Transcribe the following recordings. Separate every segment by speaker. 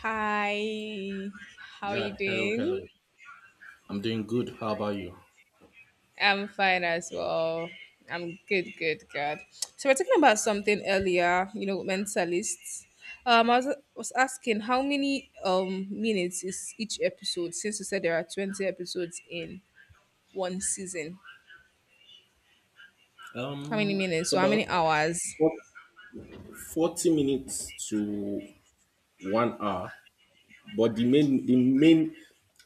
Speaker 1: Hi, how are
Speaker 2: Yeah,
Speaker 1: you
Speaker 2: hello, hello.
Speaker 1: doing?
Speaker 2: I'm doing good. How about you?
Speaker 1: I'm fine as well. I'm good, good, good. So we're talking about something earlier, you know, mentalists. I was asking how many minutes is each episode since you said there are 20 episodes in one season. How many
Speaker 2: It's
Speaker 1: minutes? So how many
Speaker 2: about
Speaker 1: hours?
Speaker 2: four- 40 minutes to 1 hour, but the main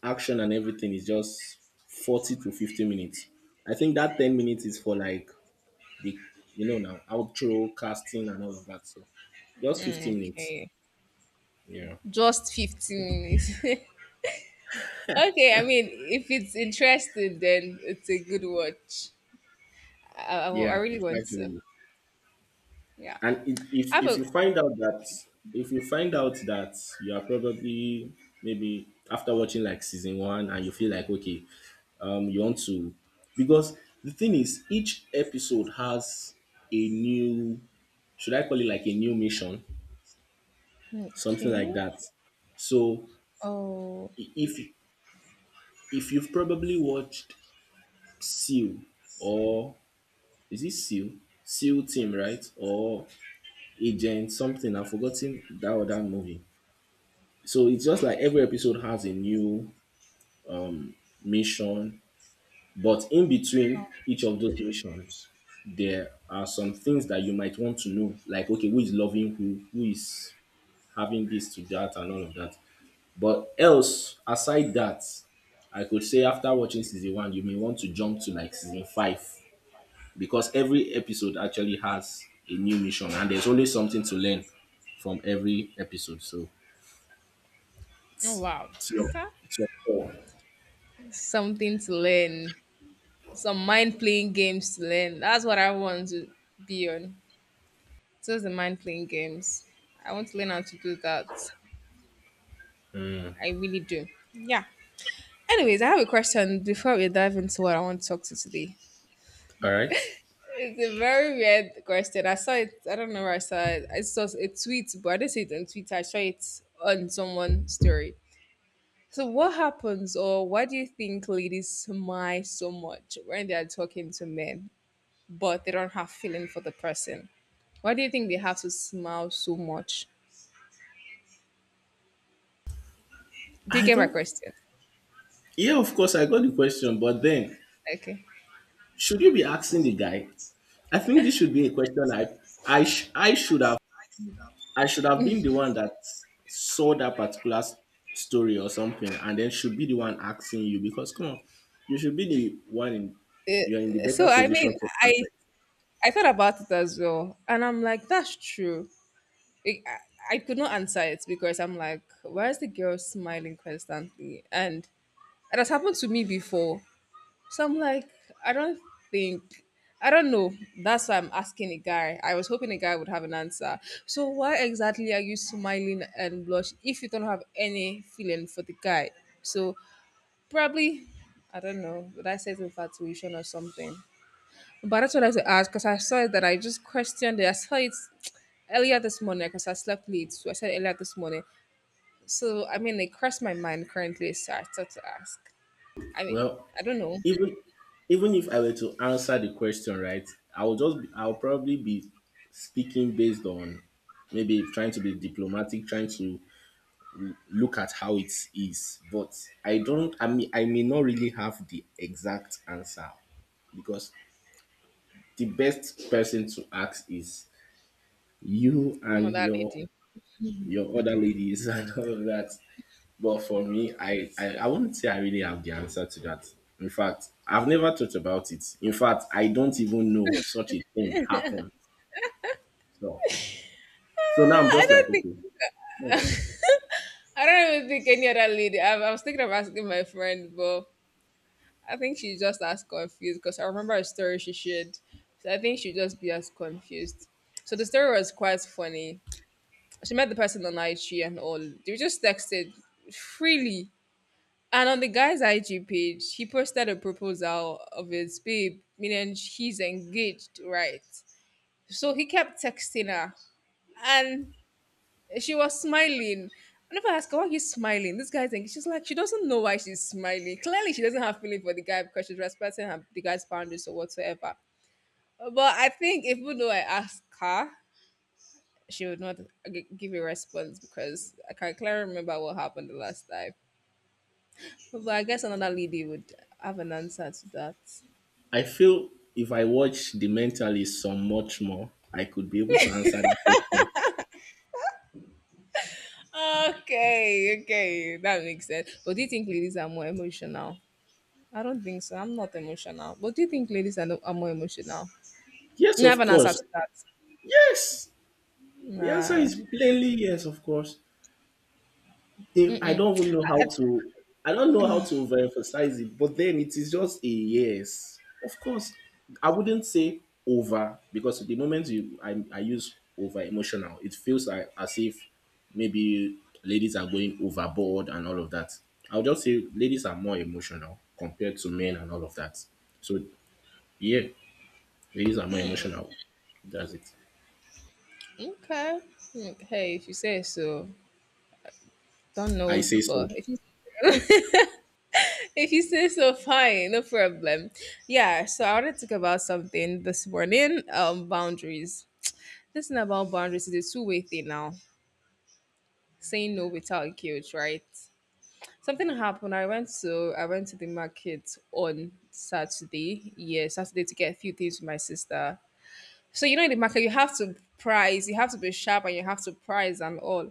Speaker 2: action and everything is just 40 to 50 minutes. I think that 10 minutes is for like the you know now outro casting and all of that. So just 50 minutes.
Speaker 1: Okay.
Speaker 2: Yeah.
Speaker 1: Just 15 minutes. Okay, I mean, if it's interesting, then it's a good watch. I
Speaker 2: Yeah,
Speaker 1: really
Speaker 2: it's
Speaker 1: want to.
Speaker 2: actually
Speaker 1: Yeah. I
Speaker 2: if
Speaker 1: have
Speaker 2: if
Speaker 1: a
Speaker 2: you find out that if you find out that you are probably maybe after watching like season one and you feel like okay, you want to, because the thing is, each episode has a new, should I call it like a new mission, something like
Speaker 1: Okay.
Speaker 2: that. So
Speaker 1: Oh.
Speaker 2: if you've probably watched Seal, or is it Seal, Seal Team, right? Or Agent something, I've forgotten that other movie. So it's just like every episode has a new mission, but in between each of those missions, there are some things that you might want to know, like okay, who is loving who is having this to that, and all of that. But else, aside that, I could say after watching season one, you may want to jump to like season five, because every episode actually has a new mission, and there's always something to learn from every episode. So
Speaker 1: Oh wow.
Speaker 2: it's your
Speaker 1: Huh?
Speaker 2: it's your call.
Speaker 1: Something to learn. Some mind playing games to learn. That's what I want to be on. Just the mind playing games. I want to learn how to do that. I really do. Yeah. Anyways, I have a question before we dive into what I want to talk to today.
Speaker 2: All right.
Speaker 1: It's a very weird question. I saw it. I don't know where I saw it. I saw a tweet, but I didn't see it on Twitter. I saw it on someone's story. So, what happens, or why do you think ladies smile so much when they are talking to men, but they don't have feeling for the person? Why do you think they have to smile so much? Do you
Speaker 2: I
Speaker 1: get my
Speaker 2: don't
Speaker 1: question?
Speaker 2: Yeah, of course, I got the question, but then
Speaker 1: Okay.
Speaker 2: should you be asking the guy? I think this should be a question I should have, I should have been the one that saw that particular story or something, and then should be the one asking you, because come on, you should be the one in, you're in the better
Speaker 1: So, I
Speaker 2: position
Speaker 1: mean,
Speaker 2: to answer
Speaker 1: I
Speaker 2: it.
Speaker 1: I thought about it as well, and I'm like, that's true. I, I I could not answer it because I'm like, why is the girl smiling constantly? And it has happened to me before. So I'm like, I don't think, I don't know. That's why I'm asking a guy. I was hoping a guy would have an answer. So why exactly are you smiling and blush if you don't have any feeling for the guy? So probably, I don't know. Would I say it's infatuation or something? But that's what I was to ask because I saw it that I just questioned it. I saw it earlier this morning because I slept late. So I said earlier this morning. So I mean, it crossed my mind currently. So I started to ask. I mean,
Speaker 2: Well,
Speaker 1: I don't know.
Speaker 2: even even if I were to answer the question right, I'll probably be speaking based on maybe trying to be diplomatic, trying to look at how it is. But I don't, I mean, I may not really have the exact answer, because the best person to ask is you
Speaker 1: I'm not
Speaker 2: and
Speaker 1: that lady.
Speaker 2: your other ladies and all of that. But for me, I wouldn't say I really have the answer to that. In fact, I've never thought about it. In fact, I don't even know such a thing happened. So now I'm
Speaker 1: I
Speaker 2: just like,
Speaker 1: don't think
Speaker 2: okay.
Speaker 1: I don't even think any other lady. I was thinking of asking my friend, but I think she's just as confused because I remember a story she shared. So I think she'd just be as confused. So the story was quite funny. She met the person on IG and all. They just texted freely. And on the guy's IG page, he posted a proposal of his babe, meaning he's engaged, right? So he kept texting her. And she was smiling. I never asked her why he's smiling. This guy's like, she's like, she doesn't know why she's smiling. Clearly, she doesn't have feeling for the guy because she's respecting her, the guy's boundaries or whatsoever. But I think even though I asked her, she would not give a response because I can clearly remember what happened the last time. But I guess another lady would have an answer to that.
Speaker 2: I feel if I watch The Mentalist some much more, I could be able to answer that question.
Speaker 1: Okay, okay, that makes sense. But do you think ladies are more emotional? I don't think so. I'm not emotional. But do you think ladies are, no, are more emotional?
Speaker 2: Yes,
Speaker 1: I have
Speaker 2: of
Speaker 1: an answer
Speaker 2: course.
Speaker 1: to that.
Speaker 2: Yes. The answer
Speaker 1: Nah.
Speaker 2: is plainly yes, of course. I don't even know how to, I don't know how to overemphasize it, but then it is just a yes. Of course, I wouldn't say over, because the moment you, I use over emotional, it feels like as if maybe ladies are going overboard and all of that. I'll just say ladies are more emotional compared to men and all of that. So yeah, ladies are more emotional. That's it.
Speaker 1: Okay. Mm, hey, if you say so. Don't
Speaker 2: I
Speaker 1: know,
Speaker 2: say so.
Speaker 1: but if you if you say so, fine, no problem. Yeah. So I want to talk about something this morning. Boundaries. This thing about boundaries is a two-way thing now. Saying no without guilt, right? Something happened. I went to the market on Saturday. Yeah, Saturday to get a few things for my sister. So you know in the market you have to price, you have to be sharp, and you have to price and all.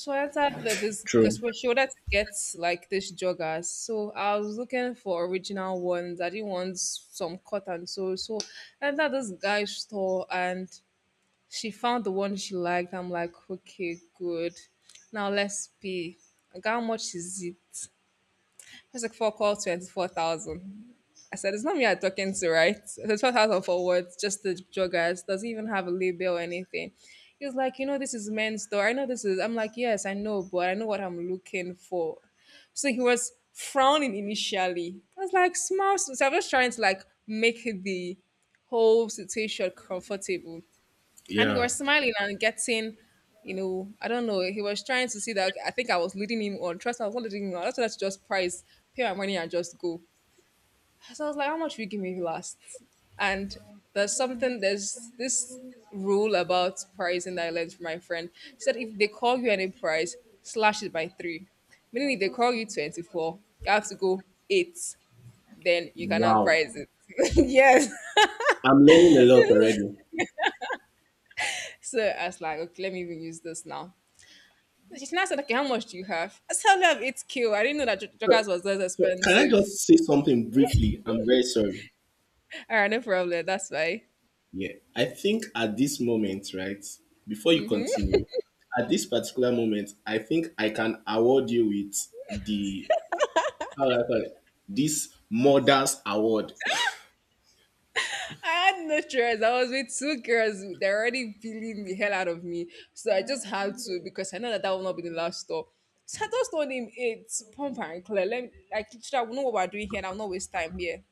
Speaker 1: So I entered the, this because
Speaker 2: True.
Speaker 1: we're sure that gets like this joggers. So I was looking for original ones. I didn't want some cotton. So I entered this guy's store and she found the one she liked. I'm like, okay, good. Now let's pay. Like, how much is it? It's like four call 24,000. I said, it's not me I'm talking to, right? The 12,000 forwards, just the joggers, doesn't even have a label or anything. He was like, you know, this is men's store. I know this is. I'm like, yes, I know, but I know what I'm looking for. So he was frowning initially. I was like, smile. So I was trying to like make the whole situation comfortable. And he
Speaker 2: Yeah.
Speaker 1: was smiling and getting, you know, I don't know. He was trying to see that okay, I think I was leading him on. Trust me, I was not leading him on. That's why I should just price, pay my money and just go. So I was like, how much will you give me last? And there's something, there's this rule about pricing that I learned from my friend. She said if they call you any price, slash it by three. Meaning if they call you 24, you have to go eight, then you cannot
Speaker 2: Wow.
Speaker 1: price it. Yes.
Speaker 2: I'm learning a lot already.
Speaker 1: So I was like, okay, let me even use this now. She now said, okay, how much do you have? I said, I only have 8K. I didn't know that
Speaker 2: So,
Speaker 1: Joggers was this
Speaker 2: Can I
Speaker 1: expensive.
Speaker 2: just say something briefly? I'm very sorry.
Speaker 1: All right, no problem. That's fine.
Speaker 2: Yeah, I think at this moment, right, before you continue, at this particular moment, I think I can award you with the, how do I call it? This Mothers Award.
Speaker 1: I had no choice. I was with two girls. They're already peeling the hell out of me. So I just had to because I know that that will not be the last stop. So I just told him, "Hey, it's pump and clear. Let me, like, I know what we're doing here and I'll not waste time here."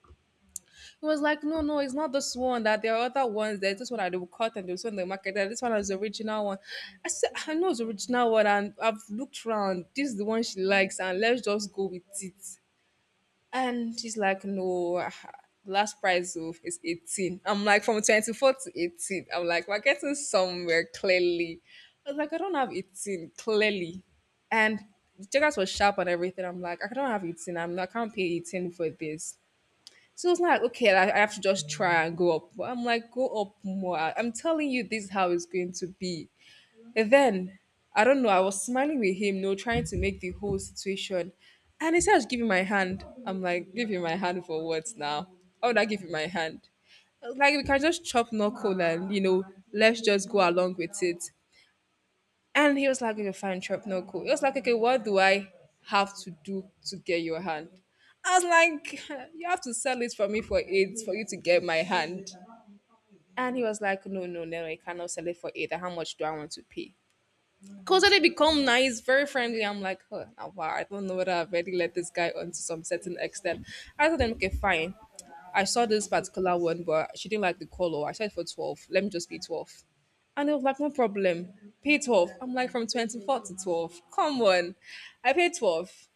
Speaker 1: He was like, no, no, it's not this one. That there are other ones. There's this one that they will cut and there's one in the market. That this one is the original one. I said, I know it's the original one and I've looked around. This is the one she likes and let's just go with it. And she's like, no, ah, the last price of is 18. I'm like, from 24 to 18. I'm like, we're getting somewhere clearly. I was like, I don't have 18, clearly. And the checkers was sharp and everything. I'm like, I don't have 18. I'm not, I can't pay 18 for this. So it's like, okay, I have to just try and go up. But I'm like, go up more. I'm telling you, this is how it's going to be. And then, I don't know, I was smiling with him, no, trying to make the whole situation. And he starts giving my hand. I'm like, give you my hand for what now? How would I give you my hand? Like, we can just chop knuckle and, you know, let's just go along with it. And he was like, okay, fine, chop knuckle. He was like, okay, what do I have to do to get your hand? I was like, you have to sell it for me for eight for you to get my hand. And he was like, no, no, no, I cannot sell it for eight. How much do I want to pay? Because when they become nice, very friendly. I'm like, oh, now, wow, I don't know whether I've already let this guy on to some certain extent. I told them, okay, fine. I saw this particular one, but she didn't like the color. I said for 12. Let me just be 12. And they was like, no problem. Pay 12. I'm like, from 24 to 12. Come on. I paid 12.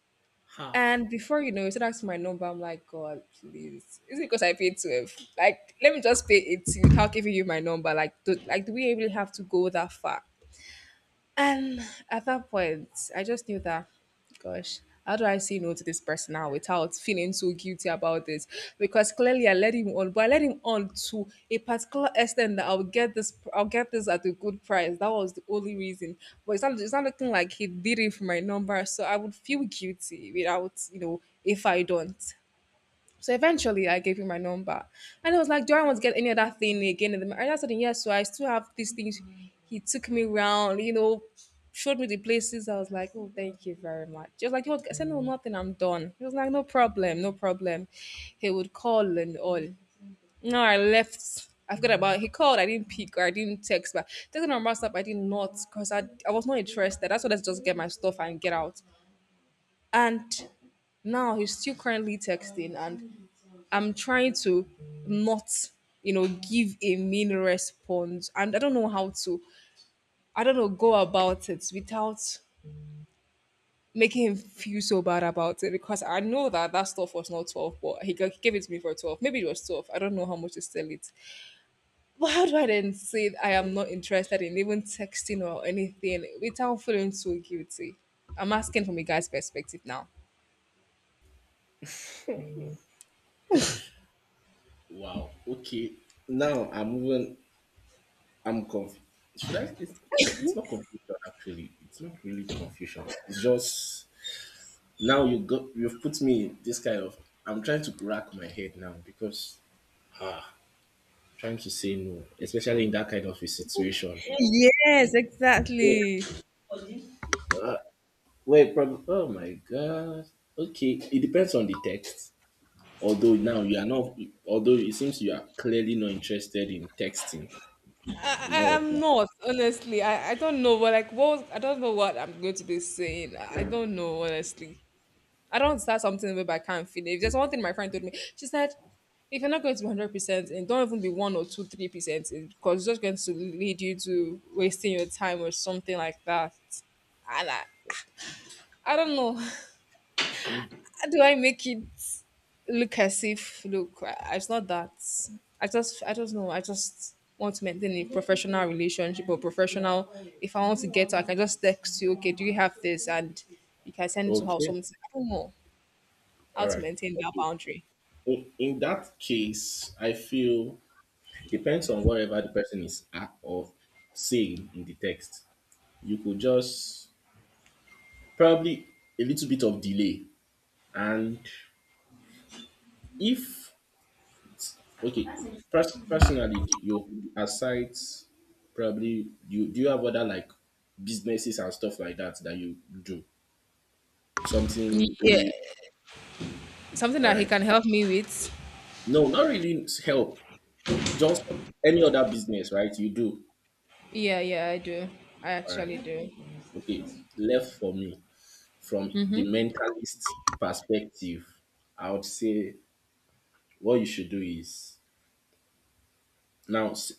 Speaker 2: Half.
Speaker 1: And before you know, it, asked for my number. I'm like, God, please. Is it because I paid 12? Like, let me just pay 18 without giving you my number. Like, do we really have to go that far? And at that point, I just knew that, gosh, how do I say no to this person now without feeling so guilty about this? Because clearly I let him on, but I let him on to a particular extent that I'll get this at a good price. That was the only reason. But it's not looking like he did it for my number, so I would feel guilty without, you know, if I don't. So eventually, I gave him my number, and I was like, "Do I want to get any other thing again?" And the man said, "Yes." So I still have these things. He took me round, you know, showed me the places. I was like, "Oh, thank you very much." He was like, "You want?" I said, "No, nothing. I'm done." He was like, "No problem, no problem." He would call and all. No, I left. I forgot about. He called. I didn't pick or I didn't text, but taking a number I did not because I was not interested. That's why let's just get my stuff and get out. And now he's still currently texting and I'm trying to not, give a mean response. And I don't know how to, I don't know, go about it without making him feel so bad about it because I know that that stuff was not 12, but he gave it to me for 12. Maybe it was 12. I don't know how much to sell it. But how do I then say I am not interested in even texting or anything without feeling so guilty? I'm asking from a guy's perspective now.
Speaker 2: Wow. Okay. Now I'm even, I'm confused. Should I? It's not confusion actually. It's not really confusion. It's just now you got, you've put me in this kind of. I'm trying to rack my head now, because trying to say no, especially in that kind of a situation.
Speaker 1: Yes,
Speaker 2: Wait,
Speaker 1: exactly.
Speaker 2: wait, oh my god. Okay, it depends on the text. Although now you are not, although it seems you are clearly not interested in texting, in
Speaker 1: I,
Speaker 2: all of
Speaker 1: I'm
Speaker 2: that.
Speaker 1: not, honestly. I don't know what like what was, I don't know what I'm going to be saying. I don't know, honestly. I don't start something where I can't finish. There's one thing my friend told me. She said, if you're not going to be 100% and don't even be one or two, 3% in, because it's just going to lead you to wasting your time or something like that. And I don't know.
Speaker 2: Hmm.
Speaker 1: How do I make it look as if look? I, it's not that. I just I don't know. I just want to maintain a professional relationship or professional. If I want to get, her, I can just text you. Okay, do you have this? And you can send it to her or
Speaker 2: Okay,
Speaker 1: something. I don't know how
Speaker 2: all
Speaker 1: to
Speaker 2: right.
Speaker 1: maintain that
Speaker 2: Okay.
Speaker 1: boundary.
Speaker 2: In that case, I feel depends on whatever the person is at or saying in the text. You could just probably a little bit of delay, and if, okay, personally, do you aside, probably you, do you have other like businesses and stuff like that that you do something
Speaker 1: Yeah,
Speaker 2: maybe,
Speaker 1: something
Speaker 2: all
Speaker 1: that he
Speaker 2: right?
Speaker 1: can help me with.
Speaker 2: No, not really help. Just any other business, right? You do,
Speaker 1: Yeah, yeah, I do. I
Speaker 2: all right.
Speaker 1: actually do.
Speaker 2: Okay, left for me from the mentalist perspective, I would say what you should do is now,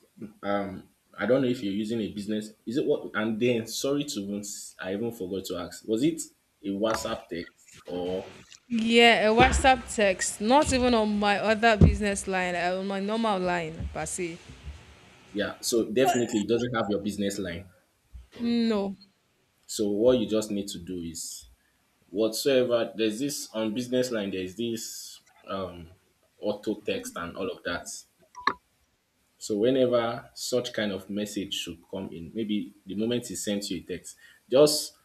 Speaker 2: um, I don't know if you're using a business. Is it what? And then, sorry to, even I even forgot to ask. Was it a WhatsApp text, or
Speaker 1: Yeah, a WhatsApp text. Not even on my other business line, on my normal line, Basi.
Speaker 2: yeah? So definitely, it doesn't have your business line.
Speaker 1: No.
Speaker 2: So what you just need to do is whatsoever. There's this on business line. There's this um auto text and all of that. So whenever such kind of message should come in, maybe the moment he sends you a text, just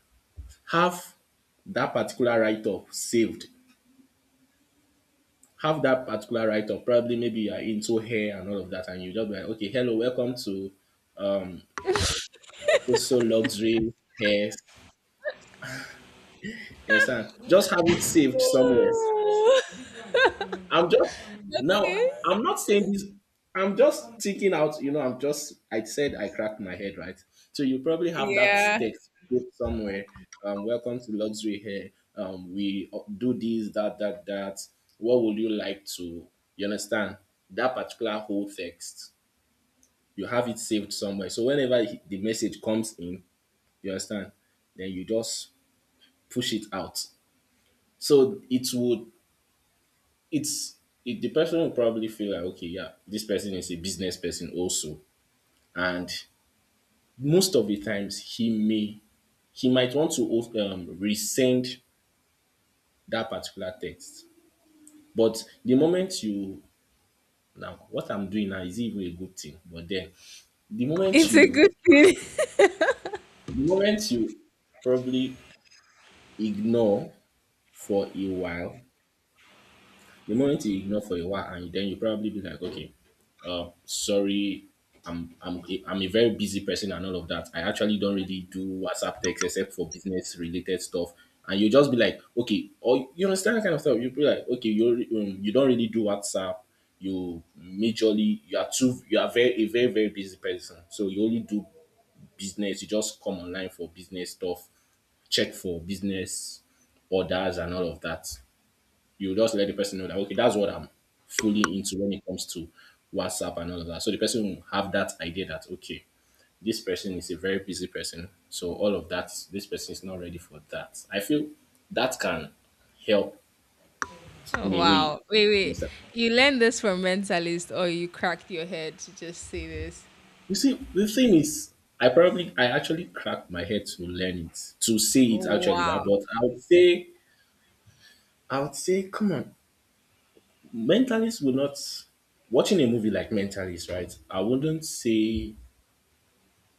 Speaker 2: have that particular write-up saved, have that particular right of probably maybe you are into hair and all of that, and you just be like, okay, hello, welcome to so so luxury hair. You understand? Just have it saved somewhere. I'm just now,
Speaker 1: Okay.
Speaker 2: I'm not saying this. I'm just thinking out. You know, I'm just, I said I cracked my head, right? So you probably have that
Speaker 1: Yeah,
Speaker 2: text put somewhere. Welcome to luxury hair. We do this, that, that, that. What would you like to? You understand that particular whole text? You have it saved somewhere. So whenever the message comes in, you understand, then you just push it out. So it would, it's, it, the person will probably feel like okay, yeah, this person is a business person also, and most of the times he may, he might want to resend that particular text. But the moment you, now what I'm doing now is even a good thing. But then the moment
Speaker 1: it's a
Speaker 2: you
Speaker 1: good thing.
Speaker 2: the moment you probably ignore for a while. The moment you ignore for a while, and then you probably be like, okay, sorry, I'm a very busy person and all of that. I actually don't really do WhatsApp text except for business related stuff. And you just be like, okay, or you understand that kind of stuff. You be like, okay, you you don't really do WhatsApp. You majorly, you are too, you are very a very very busy person. So you only do business. You just come online for business stuff, check for business orders and all of that, you just let the person know that okay, that's what I'm fully into when it comes to WhatsApp and all of that. So the person will have that idea that okay, this person is a very busy person, so all of that, this person is not ready for that. I feel that can help
Speaker 1: Oh,
Speaker 2: in a way. You
Speaker 1: wow. Wait, wait.
Speaker 2: understand?
Speaker 1: You learned this from Mentalist or you cracked your head to just say this?
Speaker 2: You see, the thing is, I probably, I actually cracked my head to learn it, to see it actually,
Speaker 1: Wow.
Speaker 2: but I would say, come on, mentalists will not, watching a movie like Mentalist, right? I wouldn't say,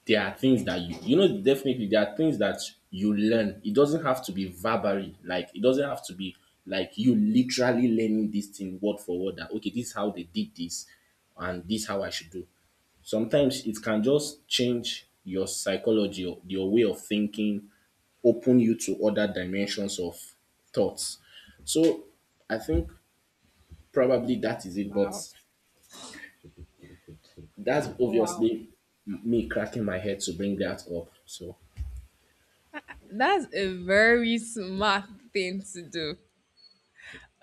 Speaker 2: there are things that you know, definitely there are things that you learn, it doesn't have to be verbally, like it doesn't have to be like you literally learning this thing word for word that okay, this is how they did this and this is how I should do. Sometimes it can just change your psychology or your way of thinking, open you to other dimensions of thoughts. So I think probably that is it, but
Speaker 1: Wow.
Speaker 2: that's
Speaker 1: Wow.
Speaker 2: obviously me cracking my head to bring that up. So
Speaker 1: That's a very smart thing to do.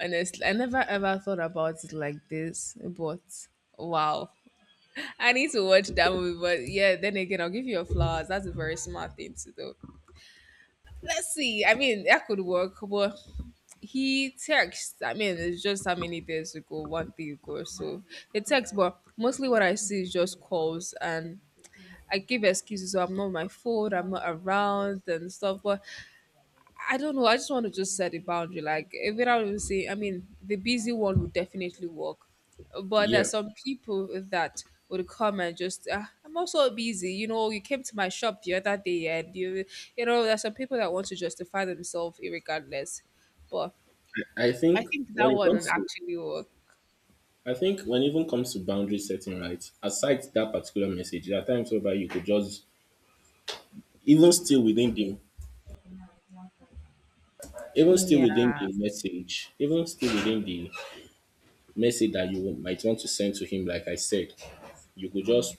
Speaker 1: Honestly, I never ever thought about it like this, but wow. I need to watch that movie, but yeah, then again, I'll give you your flowers. That's a very smart thing to do. Let's see. I mean, that could work, but he texts. I mean, it's just how many days ago, one day ago. So it texts, but mostly what I see is just calls and I give excuses. So I'm not on my phone, I'm not around and stuff. But I don't know. I just want to just set a boundary. Like if I would say, I mean, the busy one would definitely work, but
Speaker 2: yeah,
Speaker 1: there's some people that would come and just, ah, I'm also busy. You know, you came to my shop the other day, and you know, there's some people that want to justify themselves regardless. But
Speaker 2: I
Speaker 1: I
Speaker 2: think
Speaker 1: think
Speaker 2: when
Speaker 1: that
Speaker 2: it
Speaker 1: one would
Speaker 2: comes to,
Speaker 1: actually work.
Speaker 2: I think when it even comes to boundary setting, right, aside that particular message, there are times whereby you could just even still within the even still
Speaker 1: Yeah.
Speaker 2: within the message, even still within the message that you might want to send to him, like I said, you could just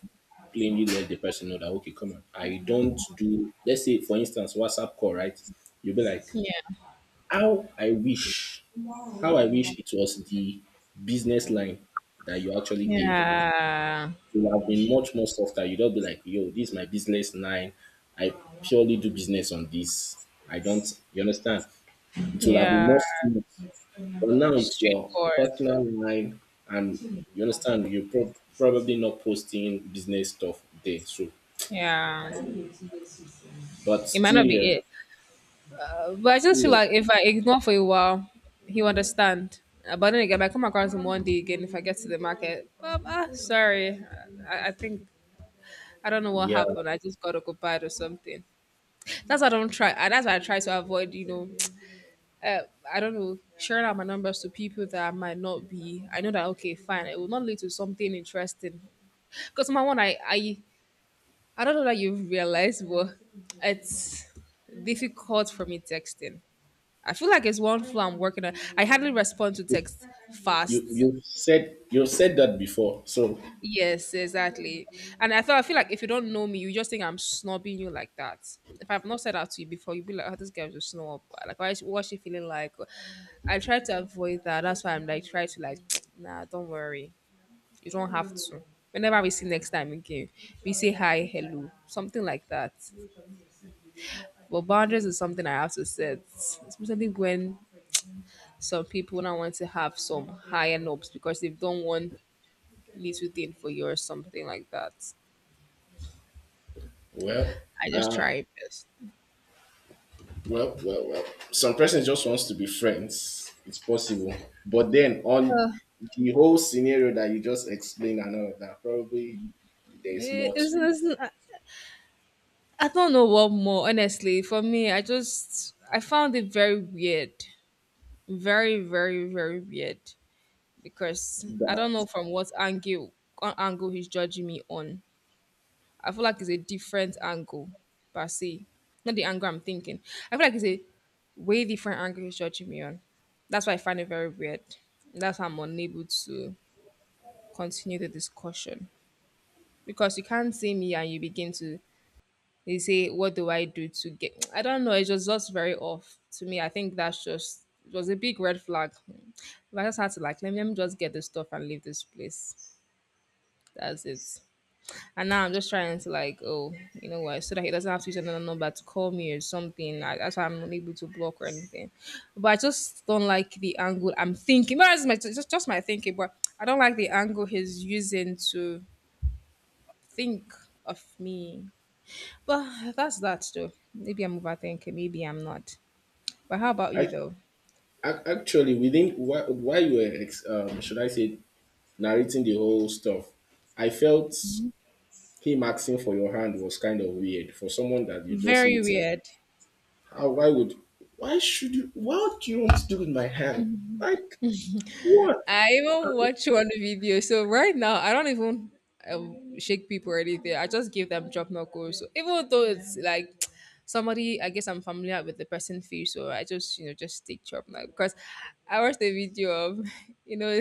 Speaker 2: plainly let the person know that okay, come on, I don't, do let's say for instance WhatsApp call, right? You'll be like,
Speaker 1: Yeah.
Speaker 2: how I wish, how I wish it was the business line that you actually gave him,
Speaker 1: Yeah.
Speaker 2: it would have been much more softer. You don't be like, yo, this is my business line. I purely do business on this. I don't, you understand? It will have been
Speaker 1: Yeah.
Speaker 2: more smooth. But now it's your
Speaker 1: Straightforward.
Speaker 2: personal line, and you understand, you're probably not posting business stuff there. So,
Speaker 1: Yeah.
Speaker 2: but
Speaker 1: It might not be it. But I
Speaker 2: still,
Speaker 1: just feel
Speaker 2: yeah,
Speaker 1: like if I ignore for a while, he'll understand. But then again, I come across him one day again if I get to the market. Ah, sorry. I think I don't know what
Speaker 2: yeah.
Speaker 1: happened. I just got occupied or something. That's why I don't try. That's why I try to avoid. You know, uh, I don't know sharing out my numbers to people that I might not be. I know that okay, fine. It will not lead to something interesting. Because my one, I don't know that you've realized, but it's difficult for me texting I feel like it's one flow I'm working on. I hardly respond to text
Speaker 2: you
Speaker 1: fast.
Speaker 2: you said that before. So,
Speaker 1: Yes, exactly. And I thought I feel like if you don't know me, you just think I'm snobbing you like that. If I've not said that to you before, you'd be like, "Oh, this girl just snob." Like, why? Is- What's she feeling like? I try to avoid that. That's why I'm like, try to like, nah, don't worry. You don't have to. Whenever we see next time again, we say hi, hello, something like that. But boundaries is something I have to set, especially when some people now want to have some higher knobs because they've done one little thing for you or something like that.
Speaker 2: well,
Speaker 1: I just
Speaker 2: uh,
Speaker 1: try best.
Speaker 2: well, well, well. Some person just wants to be friends. It's possible. But then on the whole scenario that you just explained and all of that, probably there's
Speaker 1: Eh,
Speaker 2: more
Speaker 1: It's,
Speaker 2: to it.
Speaker 1: it's, I I don't know what more, honestly. For me, I just I found it very weird. Very, very, very weird. Because I don't
Speaker 2: That
Speaker 1: know from what angle he's judging me on. I feel like it's a different angle per se. Not the angle I'm thinking. I feel like it's a way different angle he's judging me on. That's why I find it very weird. That's why I'm unable to continue the discussion. Because you can't see me and you begin to you say, What do I do to get I don't know, it just looks very off to me. I think that's just it was a big red flag. But I just had to like let me just get this stuff and leave this place. That's it. And now I'm just trying to like, oh, you know what, so that he doesn't have to use another number to call me or something. I, that's why I'm unable to block or anything. But I just don't like the angle I'm thinking. But it's my, just my thinking, but I don't like the angle he's using to think of me. But that's that though. Maybe I'm overthinking. Maybe I'm not. But how about you
Speaker 2: I,
Speaker 1: though?
Speaker 2: actually within, while, should I say narrating the whole stuff, I felt him asking for your hand was kind of weird for someone that you're just
Speaker 1: Very
Speaker 2: meeting.
Speaker 1: weird.
Speaker 2: How? Why would? Why should you? What do you want to do with my hand? Like what?
Speaker 1: I
Speaker 2: I
Speaker 1: even
Speaker 2: mean,
Speaker 1: watch one video. So right now, I don't even shake people or anything. I just give them drop knuckles. So even though it's like somebody, I guess I'm familiar with the person face, so I just you know just take chop now because I watched a video of you know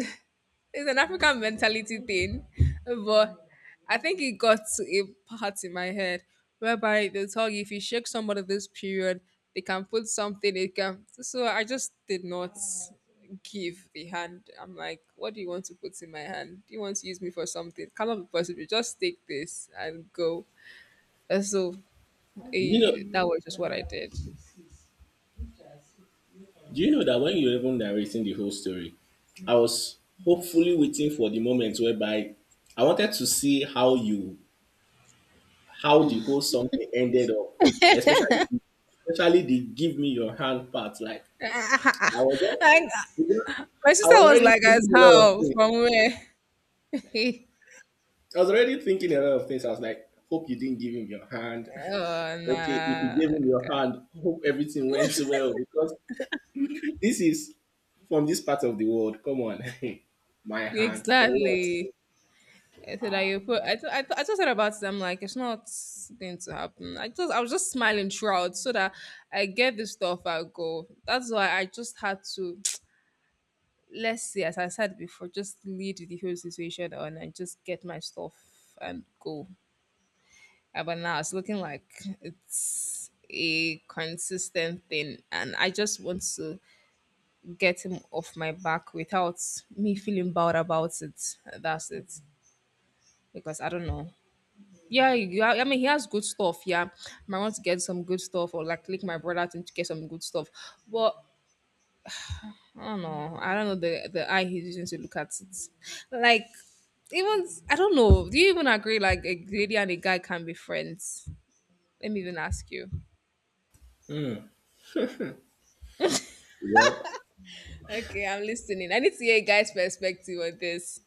Speaker 1: it's an African mentality thing, but I think it got to a part in my head whereby they tell you if you shake somebody this period, they can put something. It can so I just did not give the hand. I'm like, what do you want to put in my hand? Do you want to use me for something? It Cannot be possible. Just take this and go. And so
Speaker 2: you know,
Speaker 1: that was just what I did.
Speaker 2: Do you know that when you're even narrating the whole story, I was hopefully waiting for the moment whereby I wanted to see how you how the whole something ended up, especially especially the give me your hand part. Like I was
Speaker 1: Like,
Speaker 2: just
Speaker 1: my
Speaker 2: I
Speaker 1: sister
Speaker 2: was
Speaker 1: was
Speaker 2: already
Speaker 1: like, as
Speaker 2: thinking a lot of
Speaker 1: how?
Speaker 2: things.
Speaker 1: From where?
Speaker 2: I was already thinking a lot of things. I was like, hope you didn't give him your hand.
Speaker 1: oh,
Speaker 2: Okay, if you
Speaker 1: nah.
Speaker 2: gave him your hand, hope everything went well because this is from this part of the world. Come on. My hand for what?
Speaker 1: Exactly. I said,
Speaker 2: Ah,
Speaker 1: I, put, I, th- I, th- I just thought about it. I'm like, it's not going to happen. I was just smiling throughout so that I get this stuff, I go. That's why I just had to let's see, as I said before, just lead with the whole situation on and just get my stuff and go. But now it's looking like it's a consistent thing, and I just want to get him off my back without me feeling bad about it. That's it, because I don't know. Yeah, yeah, I mean, he has good stuff. Yeah, I might want to get some good stuff or like link my brother to get some good stuff. But I don't know. I don't know the eye he's using to look at it. Like even I don't know. Do you even agree like a lady and a guy can be friends? Let me even ask you.
Speaker 2: well,
Speaker 1: Okay, I'm listening. I need to hear a guy's perspective on this.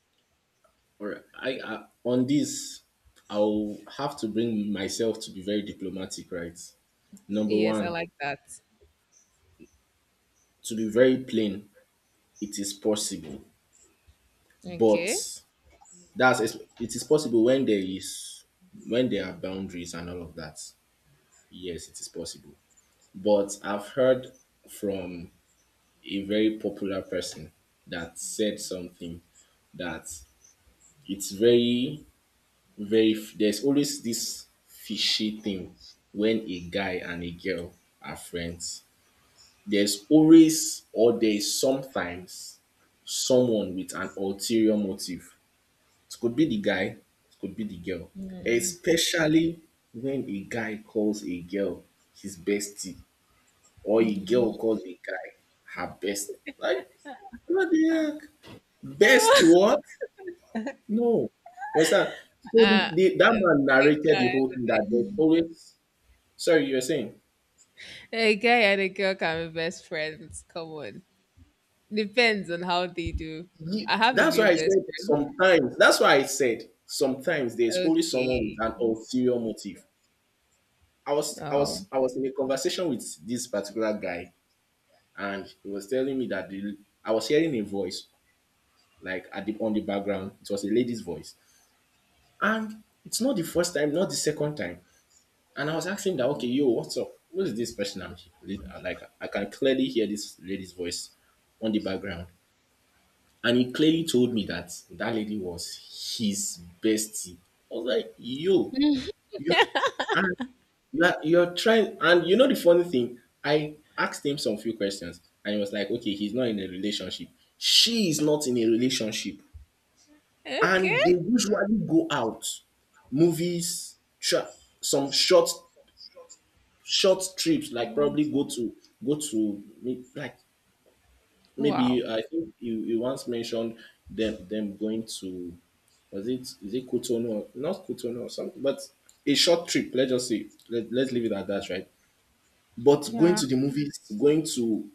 Speaker 2: all right. I on this, I'll have to bring myself to be very diplomatic, right? Number
Speaker 1: Yes, I
Speaker 2: one,
Speaker 1: like that.
Speaker 2: to be very plain, it is possible, but
Speaker 1: Okay.
Speaker 2: that's it is possible when there are boundaries and all of that. Yes, it is possible. But I've heard from a very popular person that said something that it's very there's always this fishy thing when a guy and a girl are friends, there's always or there's sometimes someone with an ulterior motive. It could be the guy, it could be the girl, especially when a guy calls a girl his bestie or a girl calls a guy her best, like what the heck, best
Speaker 1: uh,
Speaker 2: what? No. You understand? So that man
Speaker 1: they
Speaker 2: narrated the whole thing that there's
Speaker 1: can.
Speaker 2: always, sorry, you're saying?
Speaker 1: A guy and a girl can be best friends. Come on. Depends on how they do. I have a
Speaker 2: That's
Speaker 1: new
Speaker 2: why I
Speaker 1: best
Speaker 2: said
Speaker 1: friend.
Speaker 2: sometimes, that's why I said sometimes there's always someone with
Speaker 1: Okay.
Speaker 2: an ulterior motive. I was, I
Speaker 1: Oh.
Speaker 2: was, I was in a conversation with this particular guy and he was telling me that I was hearing a voice like on the background. It was a lady's voice. And it's not the first time, not the second time. And I was asking that, okay, yo, what's up? Who is this person? I'm like, I can clearly hear this lady's voice on the background. And he clearly told me that that lady was his bestie. I was like, yo, you're, and you're trying. And you know the funny thing? I asked him some few questions and he was like, okay, he's not in a relationship. She is not in a relationship.
Speaker 1: Okay.
Speaker 2: And they usually go out, movies, some short trips, like probably like maybe
Speaker 1: Wow.
Speaker 2: I think you once mentioned them going to, was it, is it Cotonou or not Cotonou or something, but a short trip. Let's just say let's leave it at that, right? But going
Speaker 1: Yeah.
Speaker 2: to the movies, going to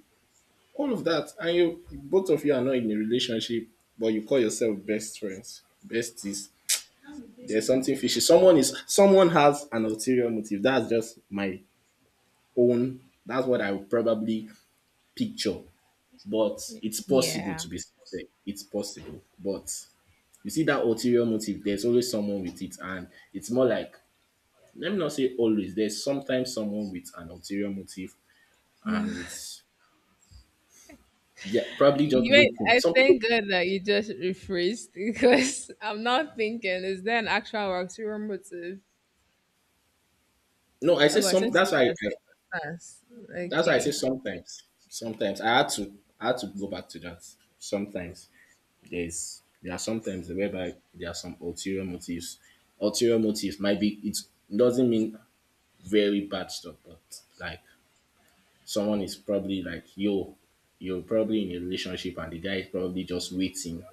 Speaker 2: all of that, and you both of you are not in a relationship, but you call yourself best friends, besties. There's something fishy. Someone has an ulterior motive. That's just my own. That's what I would probably picture, but it's possible
Speaker 1: Yeah.
Speaker 2: to be sincere. It's possible, but you see that ulterior motive. There's always someone with it, and it's more like, let me not say always. There's sometimes someone with an ulterior motive, and it's they're probably just
Speaker 1: You,
Speaker 2: waiting.
Speaker 1: I
Speaker 2: Some people,
Speaker 1: think good that you just rephrased because I'm not thinking, is there an actual ulterior motive?
Speaker 2: no, I say
Speaker 1: Oh, but
Speaker 2: some.
Speaker 1: since there's a past,
Speaker 2: That's why I say
Speaker 1: okay.
Speaker 2: sometimes. Sometimes I had to go back to that. Sometimes there are sometimes whereby there are some ulterior motives. Ulterior motives might be, it doesn't mean very bad stuff, but like someone is probably like, yo, you're probably in a relationship and the guy is probably just waiting.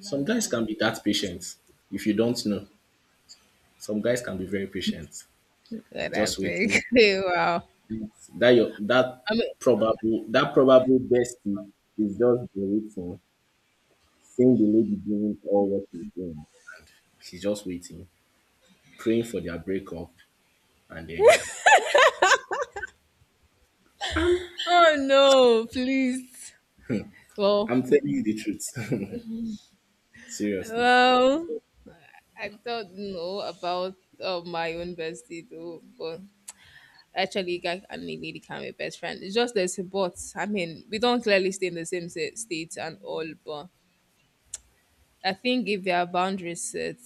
Speaker 2: Some guys can be that patient if you don't know. Some guys can be very patient,
Speaker 1: Good, I
Speaker 2: just
Speaker 1: think.
Speaker 2: waiting.
Speaker 1: wow.
Speaker 2: That your that
Speaker 1: I mean,
Speaker 2: probable, that probable bestie is just been waiting, seeing the lady doing all what she's doing. And she's just waiting, praying for their breakup and then,
Speaker 1: oh no, please. Well,
Speaker 2: I'm telling you the truth. Seriously.
Speaker 1: well,
Speaker 2: So,
Speaker 1: I don't know about my own bestie though, but actually, guy and a lady can be best friend. It's just there's a but. I mean, we don't clearly stay in the same sa- state and all, but I think if there are boundaries set,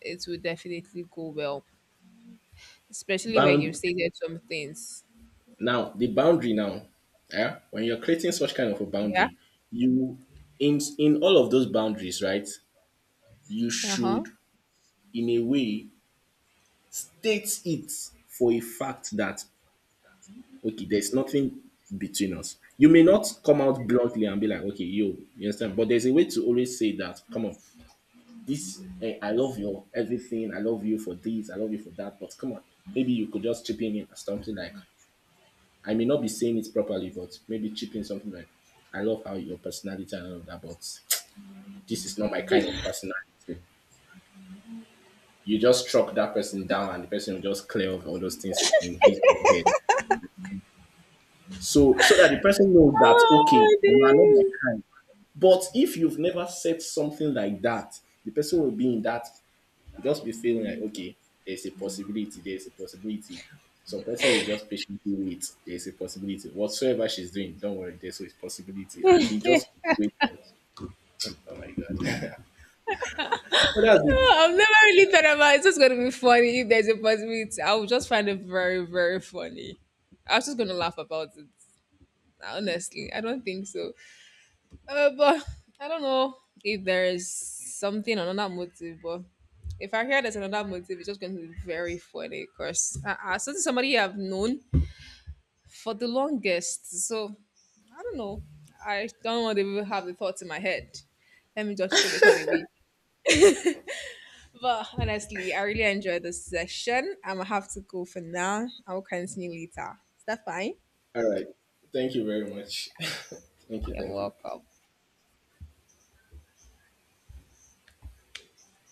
Speaker 1: it will definitely go well, especially when you
Speaker 2: bound
Speaker 1: stated some things.
Speaker 2: now, the boundary now, yeah, when you're creating such kind of a
Speaker 1: Yeah.
Speaker 2: boundary, you in all of those boundaries, right? You
Speaker 1: Uh huh.
Speaker 2: should, in a way, state it for a fact that okay, there's nothing between us. You may not come out bluntly and be like, okay, yo, you understand, but there's a way to always say that, come on, this, I love your everything, I love you for this, I love you for that, but come on, maybe you could just chip in and something like, I may not be saying it properly, but maybe chipping something like, I love how your personality and all of that, but this is not my kind of personality. You just struck that person down and the person will just clear off all those things in his own head. So that the person knows that okay,
Speaker 1: Oh,
Speaker 2: you are not my
Speaker 1: dude.
Speaker 2: kind. But if you've never said something like that, the person will be in that, you'll just be feeling like, okay, there's a possibility, there's a possibility. Some person will just patiently wait. There's a possibility. Whatsoever she's doing, don't worry, there's always possibility. And he just keeps waiting. Oh my God. So that's it.
Speaker 1: Oh, I've never really thought about it. It's just going to be funny if there's a possibility. I will just find it very, very funny. I was just going to laugh about it. Honestly, I don't think so. But I don't know if there is something, another motive, but if I hear there's another motive, it's just going to be very funny because so this is somebody you have known for the longest. So I don't know. I don't want to even have the thoughts in my head. Let me just throw the thought away. But honestly, I really enjoyed this session. I'm gonna have to go for now. I'll continue later. Is that fine?
Speaker 2: All right. Thank you very much. Thank you.
Speaker 1: You're
Speaker 2: Thank you.
Speaker 1: welcome.